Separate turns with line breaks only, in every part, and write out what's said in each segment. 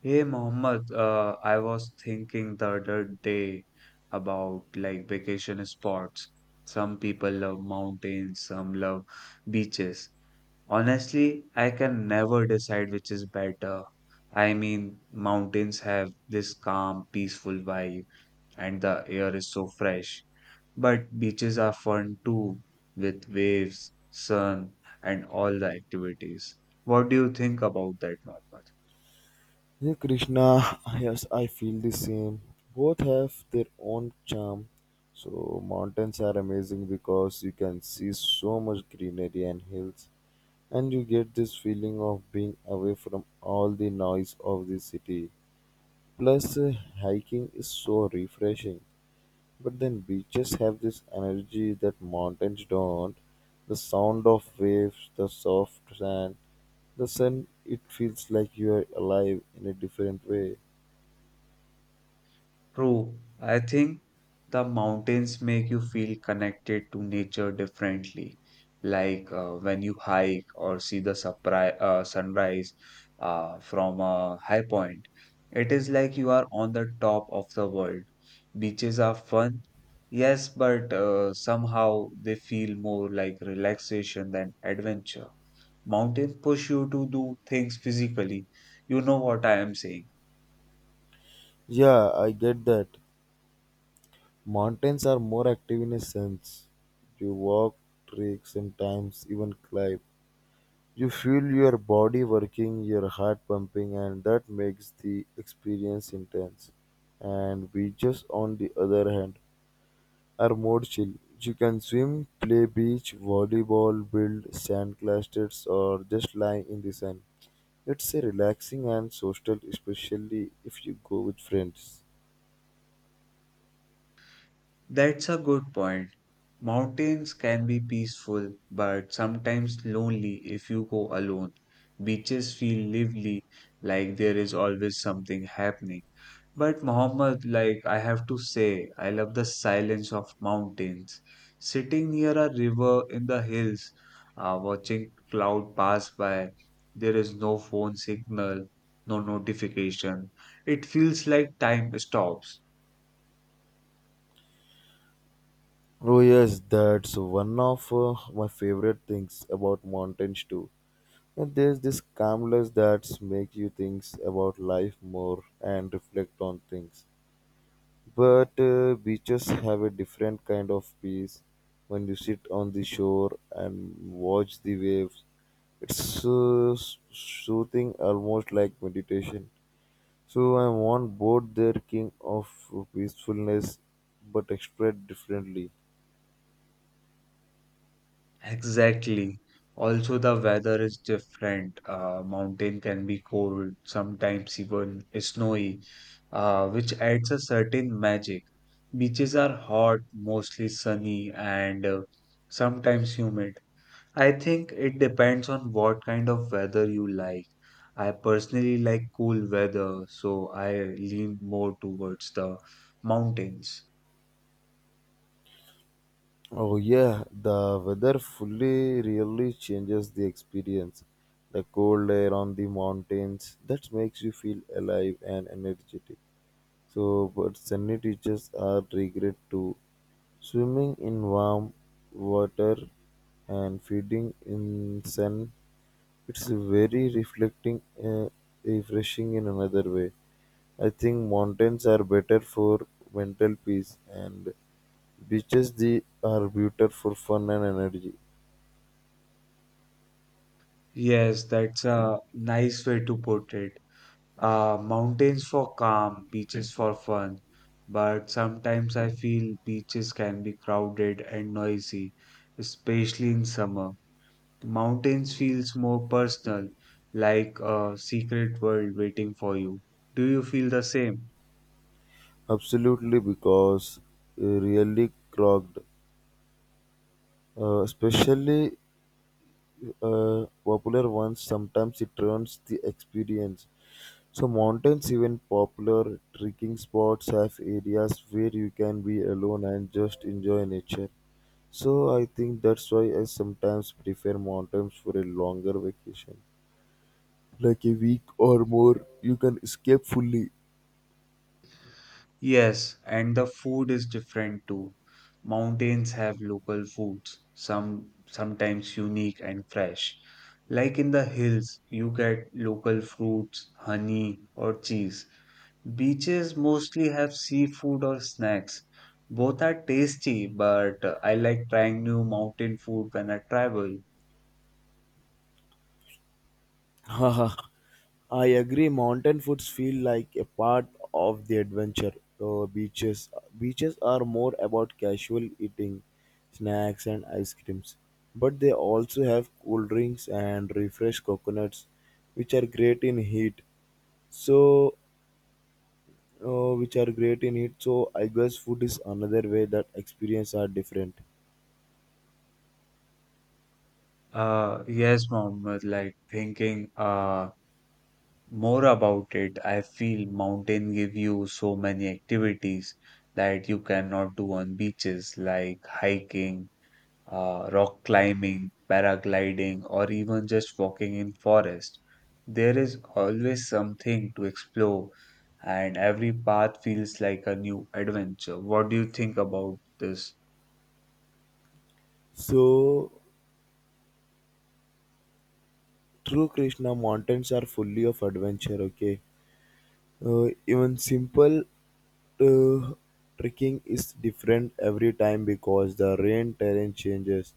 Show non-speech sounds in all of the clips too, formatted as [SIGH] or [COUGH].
Hey Mohammed, I was thinking the other day about like vacation spots. Some people love mountains, some love beaches. Honestly, I can never decide which is better. I mean, mountains have this calm, peaceful vibe, and the air is so fresh. But beaches are fun too, with waves, sun, and all the activities. What do you think about that, Mohammed?
Hey Krishna, yes, I feel the same. Both have their own charm. So, mountains are amazing because you can see so much greenery and hills, and you get this feeling of being away from all the noise of the city. Plus, hiking is so refreshing. But then, beaches have this energy that mountains don't. The sound of waves, the soft sand, the sun, it feels like you are alive in a different way.
True. I think the mountains make you feel connected to nature differently. Like when you hike or see the surprise, sunrise from a high point, it is like you are on the top of the world. Beaches are fun, yes, but somehow they feel more like relaxation than adventure. Mountains push you to do things physically. You know what I am saying.
Yeah, I get that. Mountains are more active in a sense. You walk, trek, sometimes even climb. You feel your body working, your heart pumping, and that makes the experience intense. And beaches, on the other hand, are more chill. You can swim, play beach, volleyball, build sand clusters, or just lie in the sun. It's a relaxing and social, especially if you go with friends.
That's a good point. Mountains can be peaceful, but sometimes lonely if you go alone. Beaches feel lively, like there is always something happening. But Muhammad, like I have to say, I love the silence of mountains. Sitting near a river in the hills, watching cloud pass by, there is no phone signal, no notification. It feels like time stops.
Oh yes, that's one of my favorite things about mountains too. And there's this calmness that makes you think about life more and reflect on things. But beaches have a different kind of peace. When you sit on the shore and watch the waves, it's soothing, almost like meditation. So I want both their king of peacefulness, but expressed differently.
Exactly. Also, the weather is different. Mountain can be cold, sometimes even snowy, which adds a certain magic. Beaches are hot, mostly sunny, and sometimes humid. I think it depends on what kind of weather you like. I personally like cool weather, so I lean more towards the mountains.
Oh yeah, the weather fully really changes the experience. The cold air on the mountains that makes you feel alive and energetic. So, but sunny beaches are regret too. Swimming in warm water and feeding in sun it's very reflecting and refreshing in another way. I think mountains are better for mental peace and beaches they are better for fun and energy.
Yes, that's a nice way to put it. Mountains for calm, beaches for fun. But sometimes I feel beaches can be crowded and noisy, especially in summer. Mountains feels more personal, like a secret world waiting for you. Do you feel the same?
Absolutely, because really clogged, especially popular ones, sometimes it ruins the experience. So mountains, even popular trekking spots, have areas where you can be alone and just enjoy nature. So I think that's why I sometimes prefer mountains for a longer vacation. Like a week or more, you can escape fully.
Yes, and the food is different too. Mountains have local foods, some sometimes unique and fresh. Like in the hills, you get local fruits, honey, or cheese. Beaches mostly have seafood or snacks. Both are tasty, but I like trying new mountain food when I travel.
[LAUGHS] Haha, I agree. Mountain foods feel like a part of the adventure. So beaches, beaches are more about casual eating, snacks and ice creams, but they also have cool drinks and refreshed coconuts, which are great in heat. So which are great in it. So I guess food is another way that experience are different.
Yes, Mohammed, like thinking more about it, I feel mountain give you so many activities that you cannot do on beaches, like hiking, rock climbing, paragliding, or even just walking in forest. There is always something to explore, and every path feels like a new adventure. What do you think about this?
So true, Krishna, mountains are fully of adventure. Okay, even simple uh, trekking is different every time because the rain terrain changes,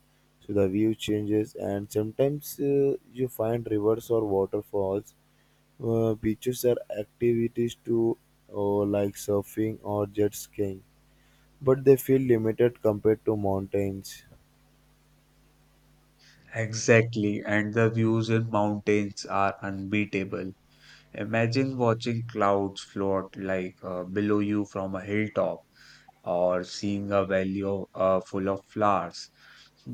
so the view changes, and sometimes you find rivers or waterfalls. Beaches are activities too, like surfing or jet skiing, but they feel limited compared to mountains.
Exactly, and the views in mountains are unbeatable. Imagine watching clouds float like below you from a hilltop or seeing a valley of, full of flowers.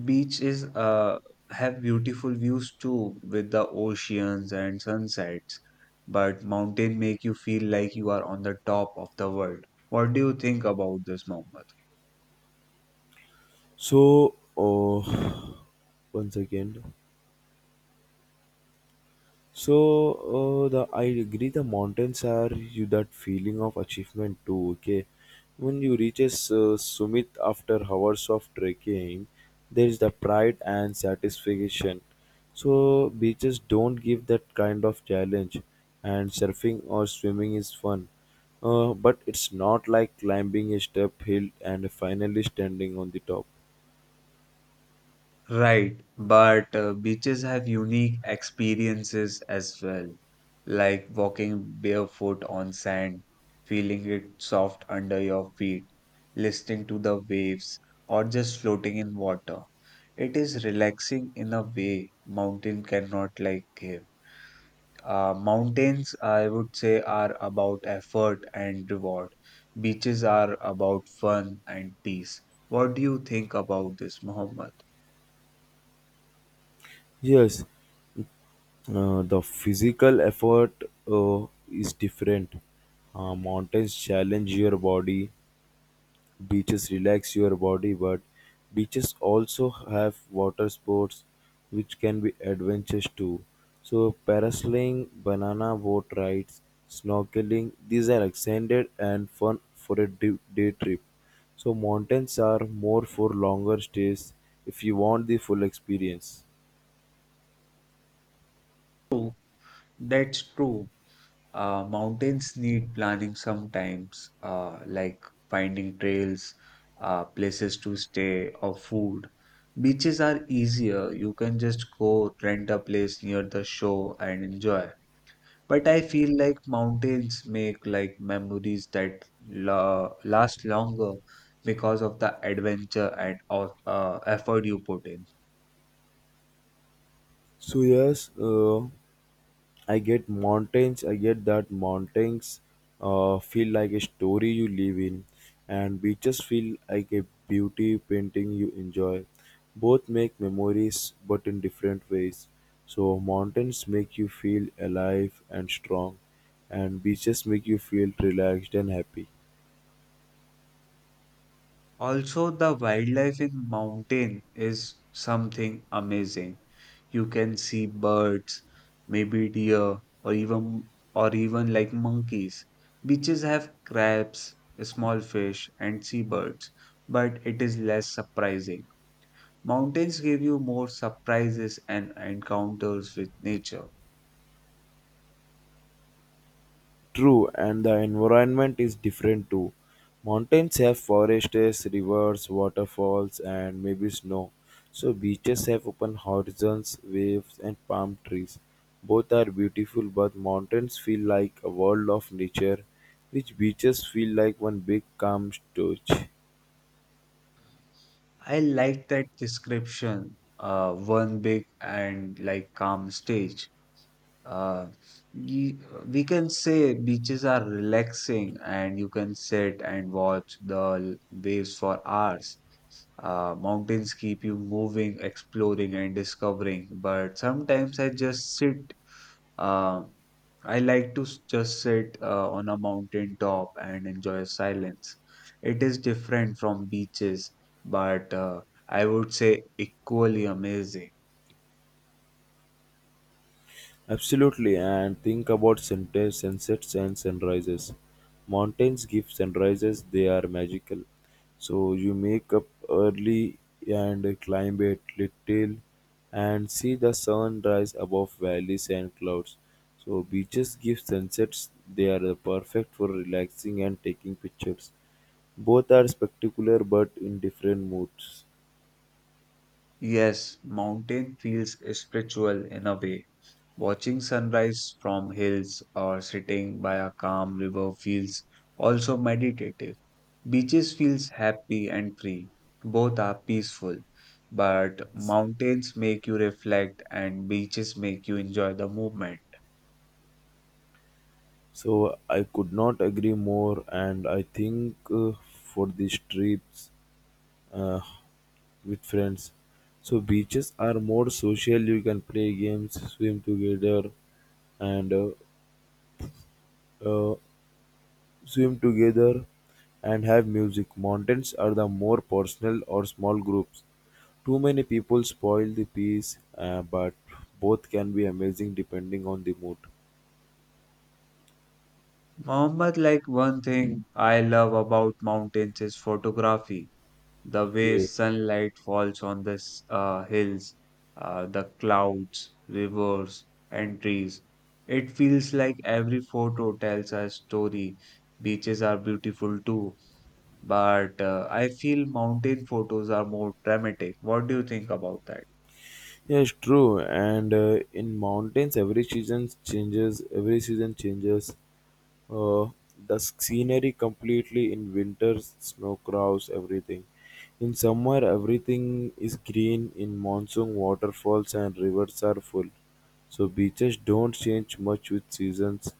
Beach is have beautiful views too with the oceans and sunsets, but mountain make you feel like you are on the top of the world. What do you think about this, Mohammed?
So, oh, [SIGHS] one second. So the I agree the mountains are you that feeling of achievement too. Okay, when you reaches summit after hours of trekking, there is the pride and satisfaction. So beaches don't give that kind of challenge, and surfing or swimming is fun, but it's not like climbing a step hill and finally standing on the top.
Right, but beaches have unique experiences as well, like walking barefoot on sand, feeling it soft under your feet, listening to the waves, or just floating in water. It is relaxing in a way mountain cannot like give. Mountains, I would say, are about effort and reward. Beaches are about fun and peace. What do you think about this, Mohammed?
Yes, the physical effort uh, is different. Mountains challenge your body, beaches relax your body, but beaches also have water sports which can be adventures too. So, parasailing, banana boat rides, snorkeling, these are extended and fun for a day trip. So, mountains are more for longer stays if you want the full experience.
That's true. Mountains need planning sometimes, like finding trails, places to stay, or food. Beaches are easier. You can just go rent a place near the shore and enjoy. But I feel like mountains make like memories that la last longer because of the adventure and of effort you put in.
So yes, I get mountains. I get that mountains feel like a story you live in, and beaches feel like a beauty painting you enjoy. Both make memories, but in different ways. So mountains make you feel alive and strong, and beaches make you feel relaxed and happy.
Also, the wildlife in mountain is something amazing. You can see birds, maybe deer, or even like monkeys. Beaches have crabs, small fish, and seabirds, but it is less surprising. Mountains give you more surprises and encounters with nature.
True, and the environment is different too. Mountains have forests, rivers, waterfalls, and maybe snow. So beaches have open horizons, waves, and palm trees. Both are beautiful, but mountains feel like a world of nature, which beaches feel like one big calm storage.
I like that description. One big and like calm stage. uh, ye- we can say beaches are relaxing and you can sit and watch the waves for hours. Mountains keep you moving, exploring, and discovering. But sometimes I just sit. Uh, I like to just sit on a mountain top and enjoy silence. It is different from beaches, but I would say equally amazing.
Absolutely, and think about sunsets and sunrises. Mountains give sunrises, they are magical. So you make up early and climb a little and see the sun rise above valleys and clouds. So beaches give sunsets, they are perfect for relaxing and taking pictures. Both are spectacular but in different moods.
Yes, mountain feels spiritual in a way. Watching sunrise from hills or sitting by a calm river feels also meditative. Beaches feels happy and free. Both are peaceful, but mountains make you reflect and beaches make you enjoy the movement.
So I could not agree more, and I think for these trips uh, with friends. So beaches are more social. You can play games, and uh, uh, swim together, and have music. Mountains are the more personal or small groups. Too many people spoil the peace, but both can be amazing depending on the mood.
Mohammed, like one thing I love about mountains is photography. The way
Okay.
sunlight falls on the hills, the clouds, rivers, and trees. It feels like every photo tells a story. Beaches are beautiful too, but I feel mountain photos are more dramatic. What do you think about that?
Yes, true. And in mountains, Every season changes. Uh, the scenery completely in winter snow covers everything. In summer everything is green. In monsoon waterfalls and rivers are full. So beaches don't change much with seasons,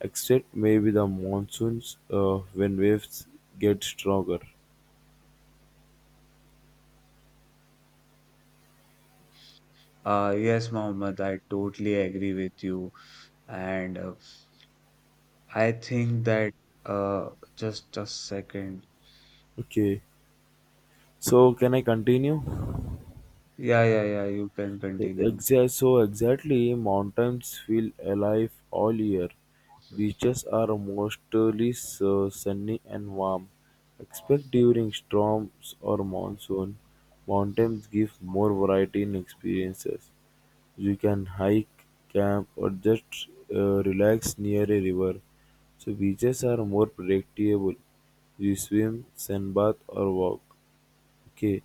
except maybe the monsoons when waves get stronger.
Yes, Mohammed, I totally agree with you. And I think that, uh, just a second.
Okay, so can I continue?
Yeah, yeah, yeah, you can continue.
So exactly, mountains feel alive all year. Beaches are mostly so sunny and warm, except during storms or monsoon. Mountains give more variety in experiences. You can hike, camp, or just relax near a river. So beaches are more predictable. You swim, sunbath, or walk. Okay.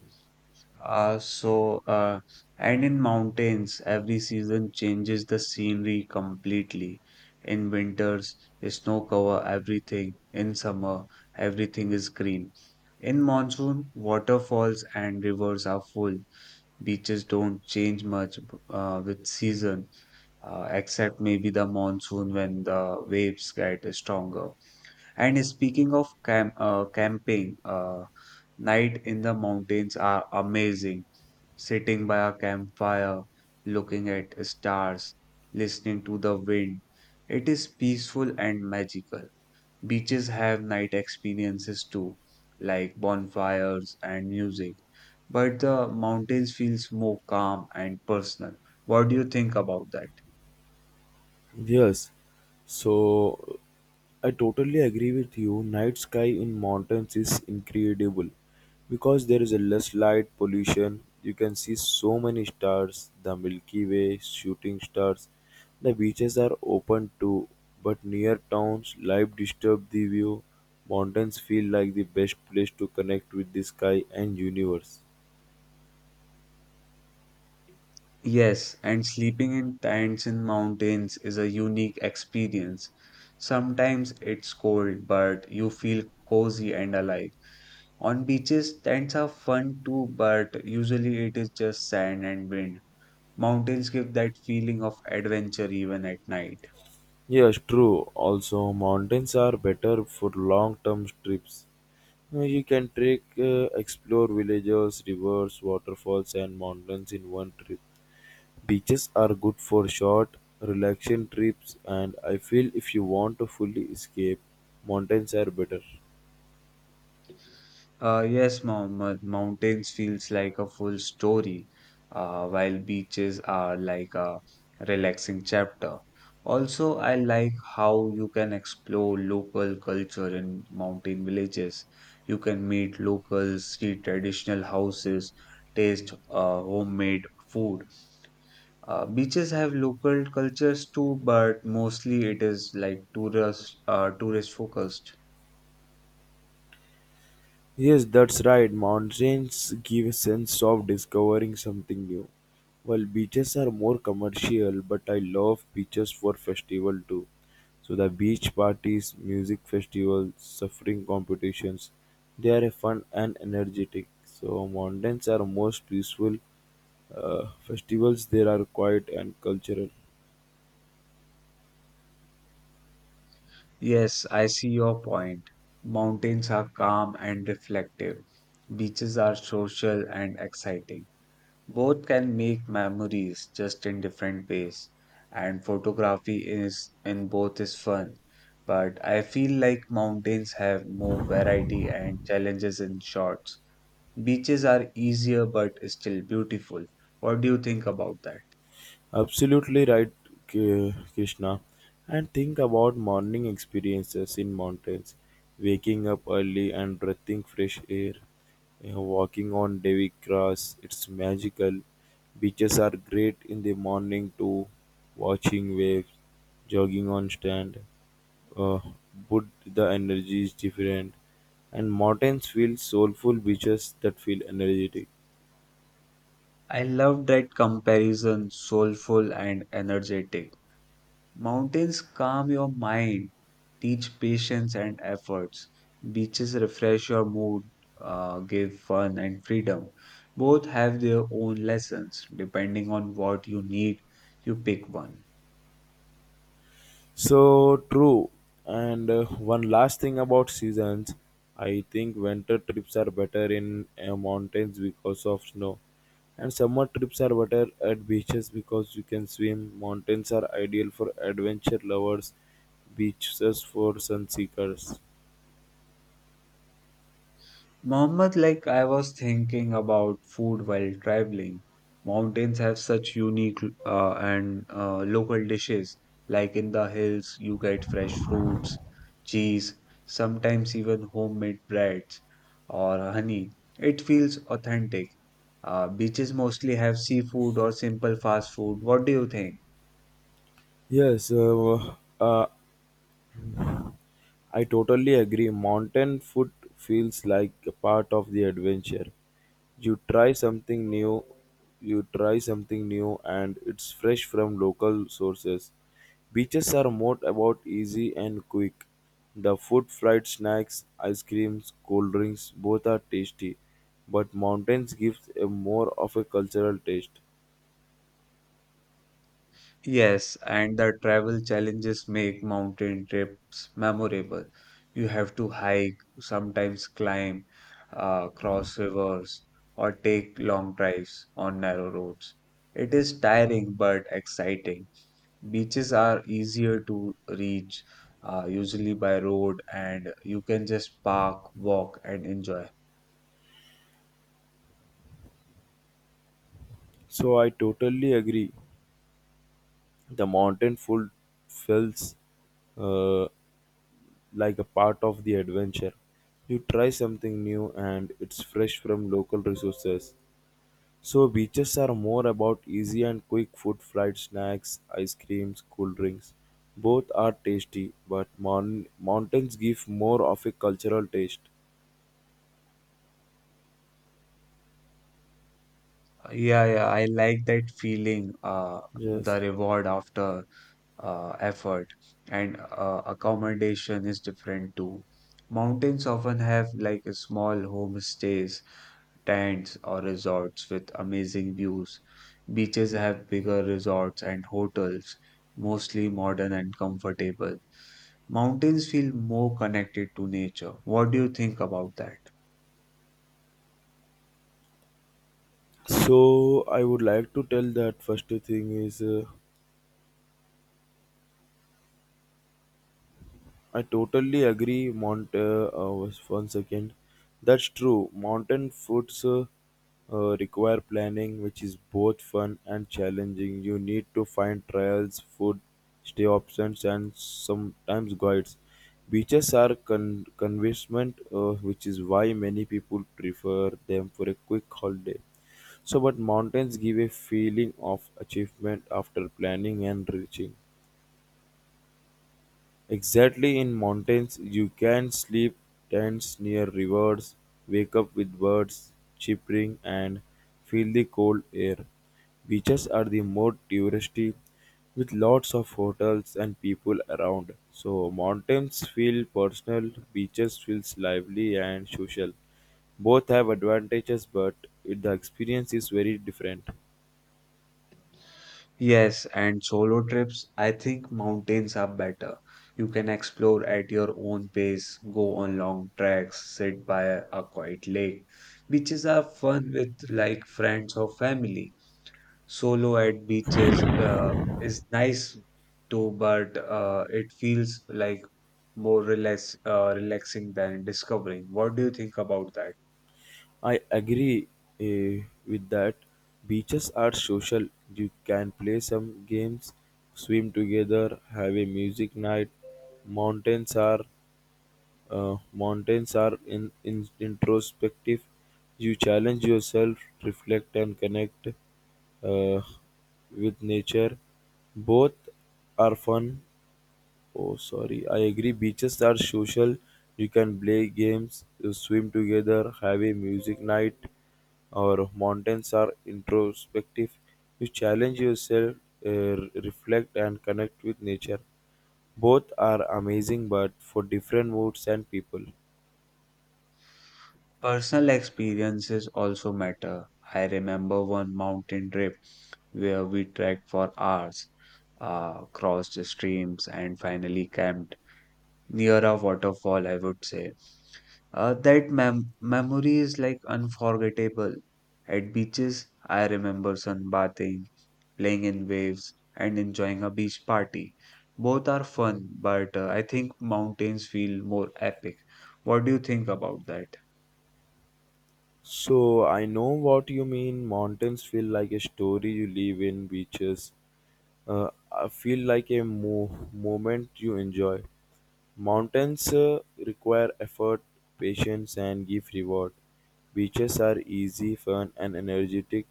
Uh, so, uh, and in mountains, every season changes the scenery completely. In winters, snow cover everything. In summer, everything is green. In monsoon, waterfalls and rivers are full. Beaches don't change much with season, except maybe the monsoon when the waves get stronger. And speaking of camping, night in the mountains are amazing sitting by a campfire, looking at stars, listening to the wind. It is peaceful and magical. Beaches have night experiences too, like bonfires and music, but the mountains feels more calm and personal. What do you think about that?
Yes. So I totally agree with you. Night sky in mountains is incredible because there is a less light pollution. You can see so many stars, the Milky Way, shooting stars. The beaches are open too, but near towns, life disturbs the view. Mountains feel like the best place to connect with the sky and universe.
Yes, and sleeping in tents in mountains is a unique experience. Sometimes it's cold, but you feel cozy and alive. On beaches, tents are fun too, but usually it is just sand and wind. Mountains give that feeling of adventure even at night.
Yes, true. Also, mountains are better for long-term trips. You can trek, explore villages, rivers, waterfalls, and mountains in one trip. Beaches are good for short, relaxing trips, and I feel if you want to fully escape, mountains are better.
Yes, Mohammed, mountains feels like a full story, while beaches are like a relaxing chapter. Also, I like how you can explore local culture in mountain villages. You can meet locals, see traditional houses, taste homemade food. Beaches have local cultures too, but mostly it is like tourist focused.
Yes, that's right. Mountains give a sense of discovering something new. While beaches are more commercial, but I love beaches for festival too. So the beach parties, music festivals, suffering competitions, they are fun and energetic. So mountains are most peaceful. Festivals there are quiet and cultural.
Yes, I see your point. Mountains are calm and reflective. Beaches are social and exciting. Both can make memories just in different ways. And photography is in both is fun. But I feel like mountains have more variety and challenges in shots. Beaches are easier but still beautiful. What do you think about that?
Absolutely right, Krishna. And think about morning experiences in mountains, waking up early and breathing fresh air, you know, walking on dewy grass. It's magical. Beaches are great in the morning too. Watching waves, jogging on sand, uh, but the energy is different. And mountains feel soulful. Beaches that feel energetic.
I love that comparison, soulful and energetic. Mountains calm your mind, teach patience and efforts. Beaches refresh your mood, give fun and freedom. Both have their own lessons. Depending on what you need, you pick one.
So true. And one last thing about seasons, I think winter trips are better in mountains because of snow, and summer trips are better at beaches because you can swim. Mountains are ideal for adventure lovers, beaches for sun seekers.
Mohammed, like I was thinking about food while traveling. Mountains have such unique and local dishes. Like in the hills, you get fresh fruits, cheese, sometimes even homemade breads or honey. It feels authentic. Beaches mostly have seafood or simple fast food. What do you think?
Yes, uh, I totally agree. Mountain food feels like a part of the adventure. You try something new, you try something new, and it's fresh from local sources. Beaches are more about easy and quick. The food, fried snacks, ice creams, cold drinks, both are tasty, but mountains gives a more of a cultural taste.
Yes, and the travel challenges make mountain trips memorable. You have to hike, sometimes climb, cross rivers, or take long drives on narrow roads. It is tiring but exciting. Beaches are easier to reach, usually by road, and you can just park, walk, and enjoy.
So I totally agree. The mountain food feels uh, like a part of the adventure. You try something new and it's fresh from local resources. So beaches are more about easy and quick food, fried snacks, ice creams, cool drinks. Both are tasty, but mountains give more of a cultural taste.
Yeah, yeah, I like that feeling,
Yes.
the reward after effort and accommodation is different too. Mountains often have like a small homestays, tents, or resorts with amazing views. Beaches have bigger resorts and hotels, mostly modern and comfortable. Mountains feel more connected to nature. What do you think about that?
So I would like to tell that first thing is I totally agree, Mont. Once that's true. Mountain foods require planning, which is both fun and challenging. You need to find trails, food, stay options, and sometimes guides. Beaches are convincement, which is why many people prefer them for a quick holiday. So, but mountains give a feeling of achievement after planning and reaching. Exactly in mountains, you can sleep tents near rivers, wake up with birds chirping, and feel the cold air. Beaches are the more touristy, with lots of hotels and people around. So mountains feel personal, beaches feels lively and social. Both have advantages, but the experience is very different.
Yes, and solo trips, I think mountains are better. You can explore at your own pace, go on long treks, sit by a quiet lake. Beaches are fun with like friends or family. Solo at beaches is nice too, but it feels like relaxing than discovering. What do you think about that?
I agree with that. Beaches are social. You can play some games, swim together, have a music night. Mountains are in introspective. You challenge yourself, reflect, and connect uh, with nature. Both are fun. Oh, sorry. I agree. Beaches are social. You can play games, you swim together, have a music night, or mountains are introspective. You challenge yourself, reflect, and connect with nature. Both are amazing, but for different moods and people.
Personal experiences also matter. I remember one mountain trip where we trekked for hours, crossed streams, and finally camped near a waterfall, I would say. That memory is like unforgettable. At beaches, I remember sunbathing, playing in waves, and enjoying a beach party. Both are fun, but I think mountains feel more epic. What do you think about that?
So I know what you mean. Mountains feel like a story you live in. Beaches, I feel like a moment you enjoy. Mountains require effort, patience, and give reward. Beaches are easy, fun, and energetic.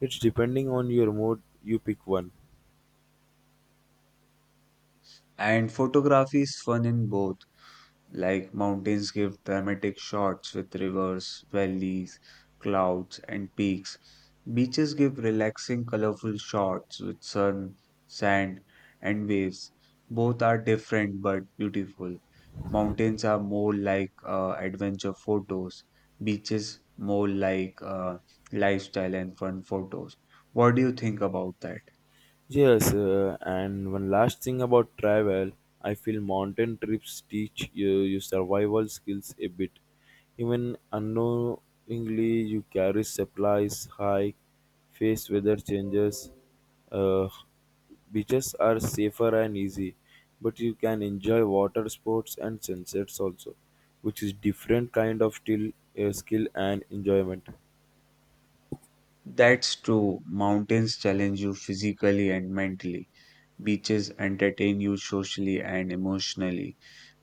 It's depending on your mood, you pick one.
And photography is fun in both, like mountains give dramatic shots with rivers, valleys, clouds, and peaks. Beaches give relaxing, colorful shots with sun, sand, and waves. Both are different but beautiful. Mountains are more like adventure photos, beaches more like lifestyle and fun photos. What do you think about that?
Yes, and one last thing about travel, I feel mountain trips teach you survival skills a bit. Even unknowingly, you carry supplies, hike, face weather changes. Uh, beaches are safer and easy, but you can enjoy water sports and sunsets also, which is different kind of still, skill and enjoyment.
That's true. Mountains challenge you physically and mentally. Beaches entertain you socially and emotionally.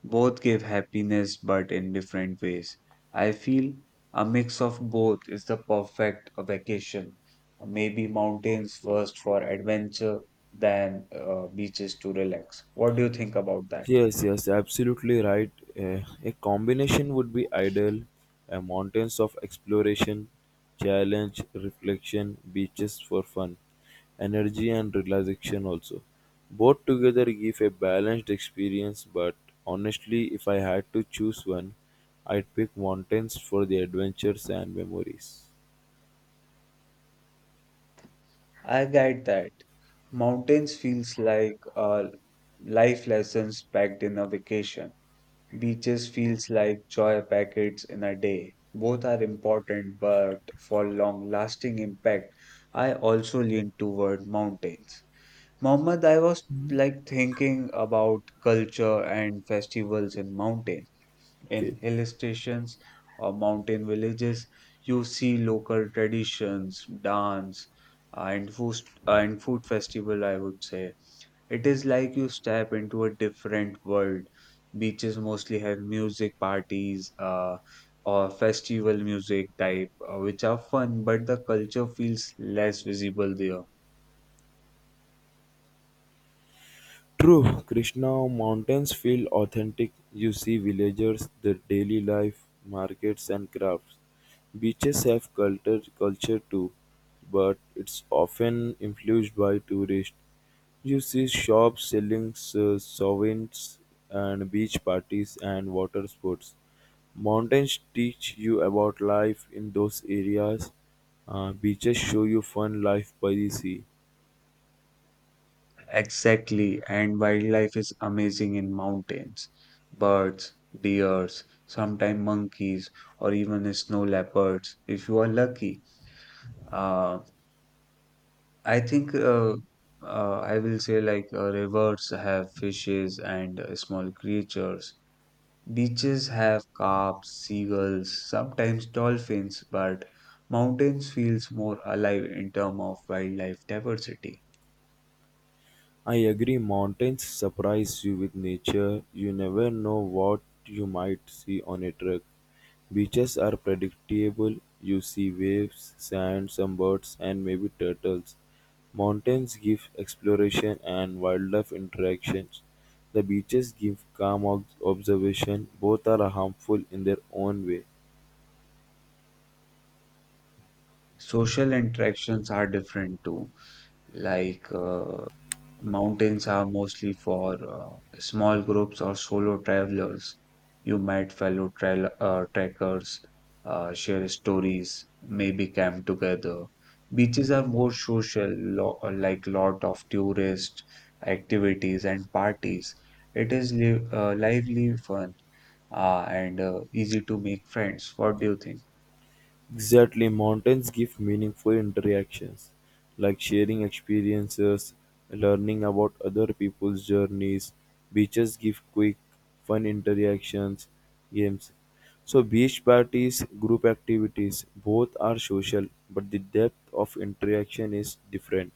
Both give happiness, but in different ways. I feel a mix of both is the perfect vacation. Maybe mountains first for adventure, then beaches to relax. What do you think about that?
Yes, yes, absolutely right. A combination would be ideal. Mountains of exploration, challenge, reflection, beaches for fun, energy and relaxation also. Both together give a balanced experience, but honestly, if I had to choose one, I'd pick mountains for the adventures and memories.
I get that. Mountains feels like life lessons packed in a vacation. Beaches feels like joy packets in a day. Both are important, but for long lasting impact, I also lean toward mountains. Mohammed, I was like thinking about culture and festivals in mountains. In
Okay.
hill stations or mountain villages, you see local traditions, dance, and food, and food festival, I would say. It is like you step into a different world. Beaches mostly have music parties or festival music type, which are fun, but the culture feels less visible there.
True, Krishna, mountains feel authentic. You see villagers, their daily life, markets and crafts. Beaches have culture too, but it's often influenced by tourists. You see shops selling souvenirs and beach parties and water sports. Mountains teach you about life in those areas. Beaches show you fun life by the sea.
Exactly, and wildlife is amazing in mountains. Birds, deers, sometimes monkeys, or even snow leopards, if you are lucky. Uh, I think uh, I will say like rivers have fishes and small creatures. Beaches have carps, seagulls, sometimes dolphins, but mountains feels more alive in terms of wildlife diversity.
I agree mountains surprise you with nature. You never know what you might see on a trek. Beaches are predictable. You see waves, sand, some birds and maybe turtles. Mountains give exploration and wildlife interactions. The beaches give calm observation. Both are harmful in their own way.
Social interactions are different too. Like uh, Mountains are mostly for small groups or solo travelers. You might fellow trekkers, share stories, maybe camp together. Beaches are more social, lo like lot of tourist activities and parties. It is li lively fun and easy to make friends. What do you think?
Exactly, mountains give meaningful interactions, like sharing experiences, learning about other people's journeys. Beaches give quick, fun interactions, games. So, beach parties, group activities, both are social, but the depth of interaction is different.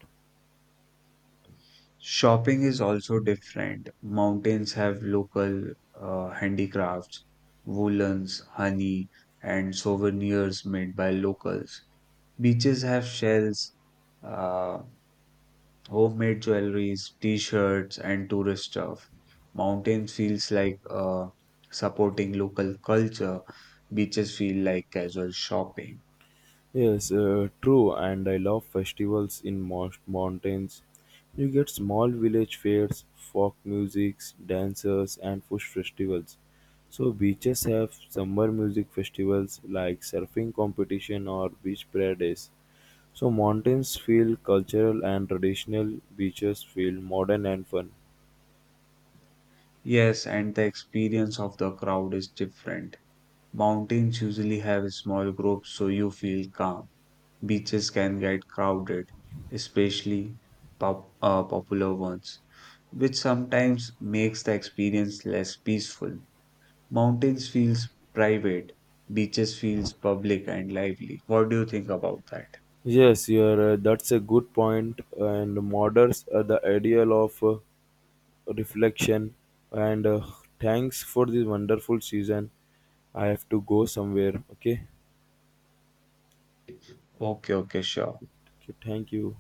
Shopping is also different. Mountains have local handicrafts, woolens, honey, and souvenirs made by locals. Beaches have shells, uh, homemade jewelries, t-shirts, and tourist stuff. Mountains feels like supporting local culture. Beaches feel like casual shopping.
Yes, true, and I love festivals in most mountains. You get small village fairs, folk musics, dancers, and food festivals. So beaches have summer music festivals like surfing competition or beach prayer days. So mountains feel cultural and traditional, beaches feel modern and fun.
Yes, and the experience of the crowd is different. Mountains usually have small groups so you feel calm. Beaches can get crowded, especially popular ones, which sometimes makes the experience less peaceful. Mountains feels private, beaches feels public and lively. What do you think about that?
Yes, you're, that's a good point, and moderns are the ideal of reflection, and thanks for this wonderful season. I have to go somewhere. Okay,
Okay, okay, sure.
thank you.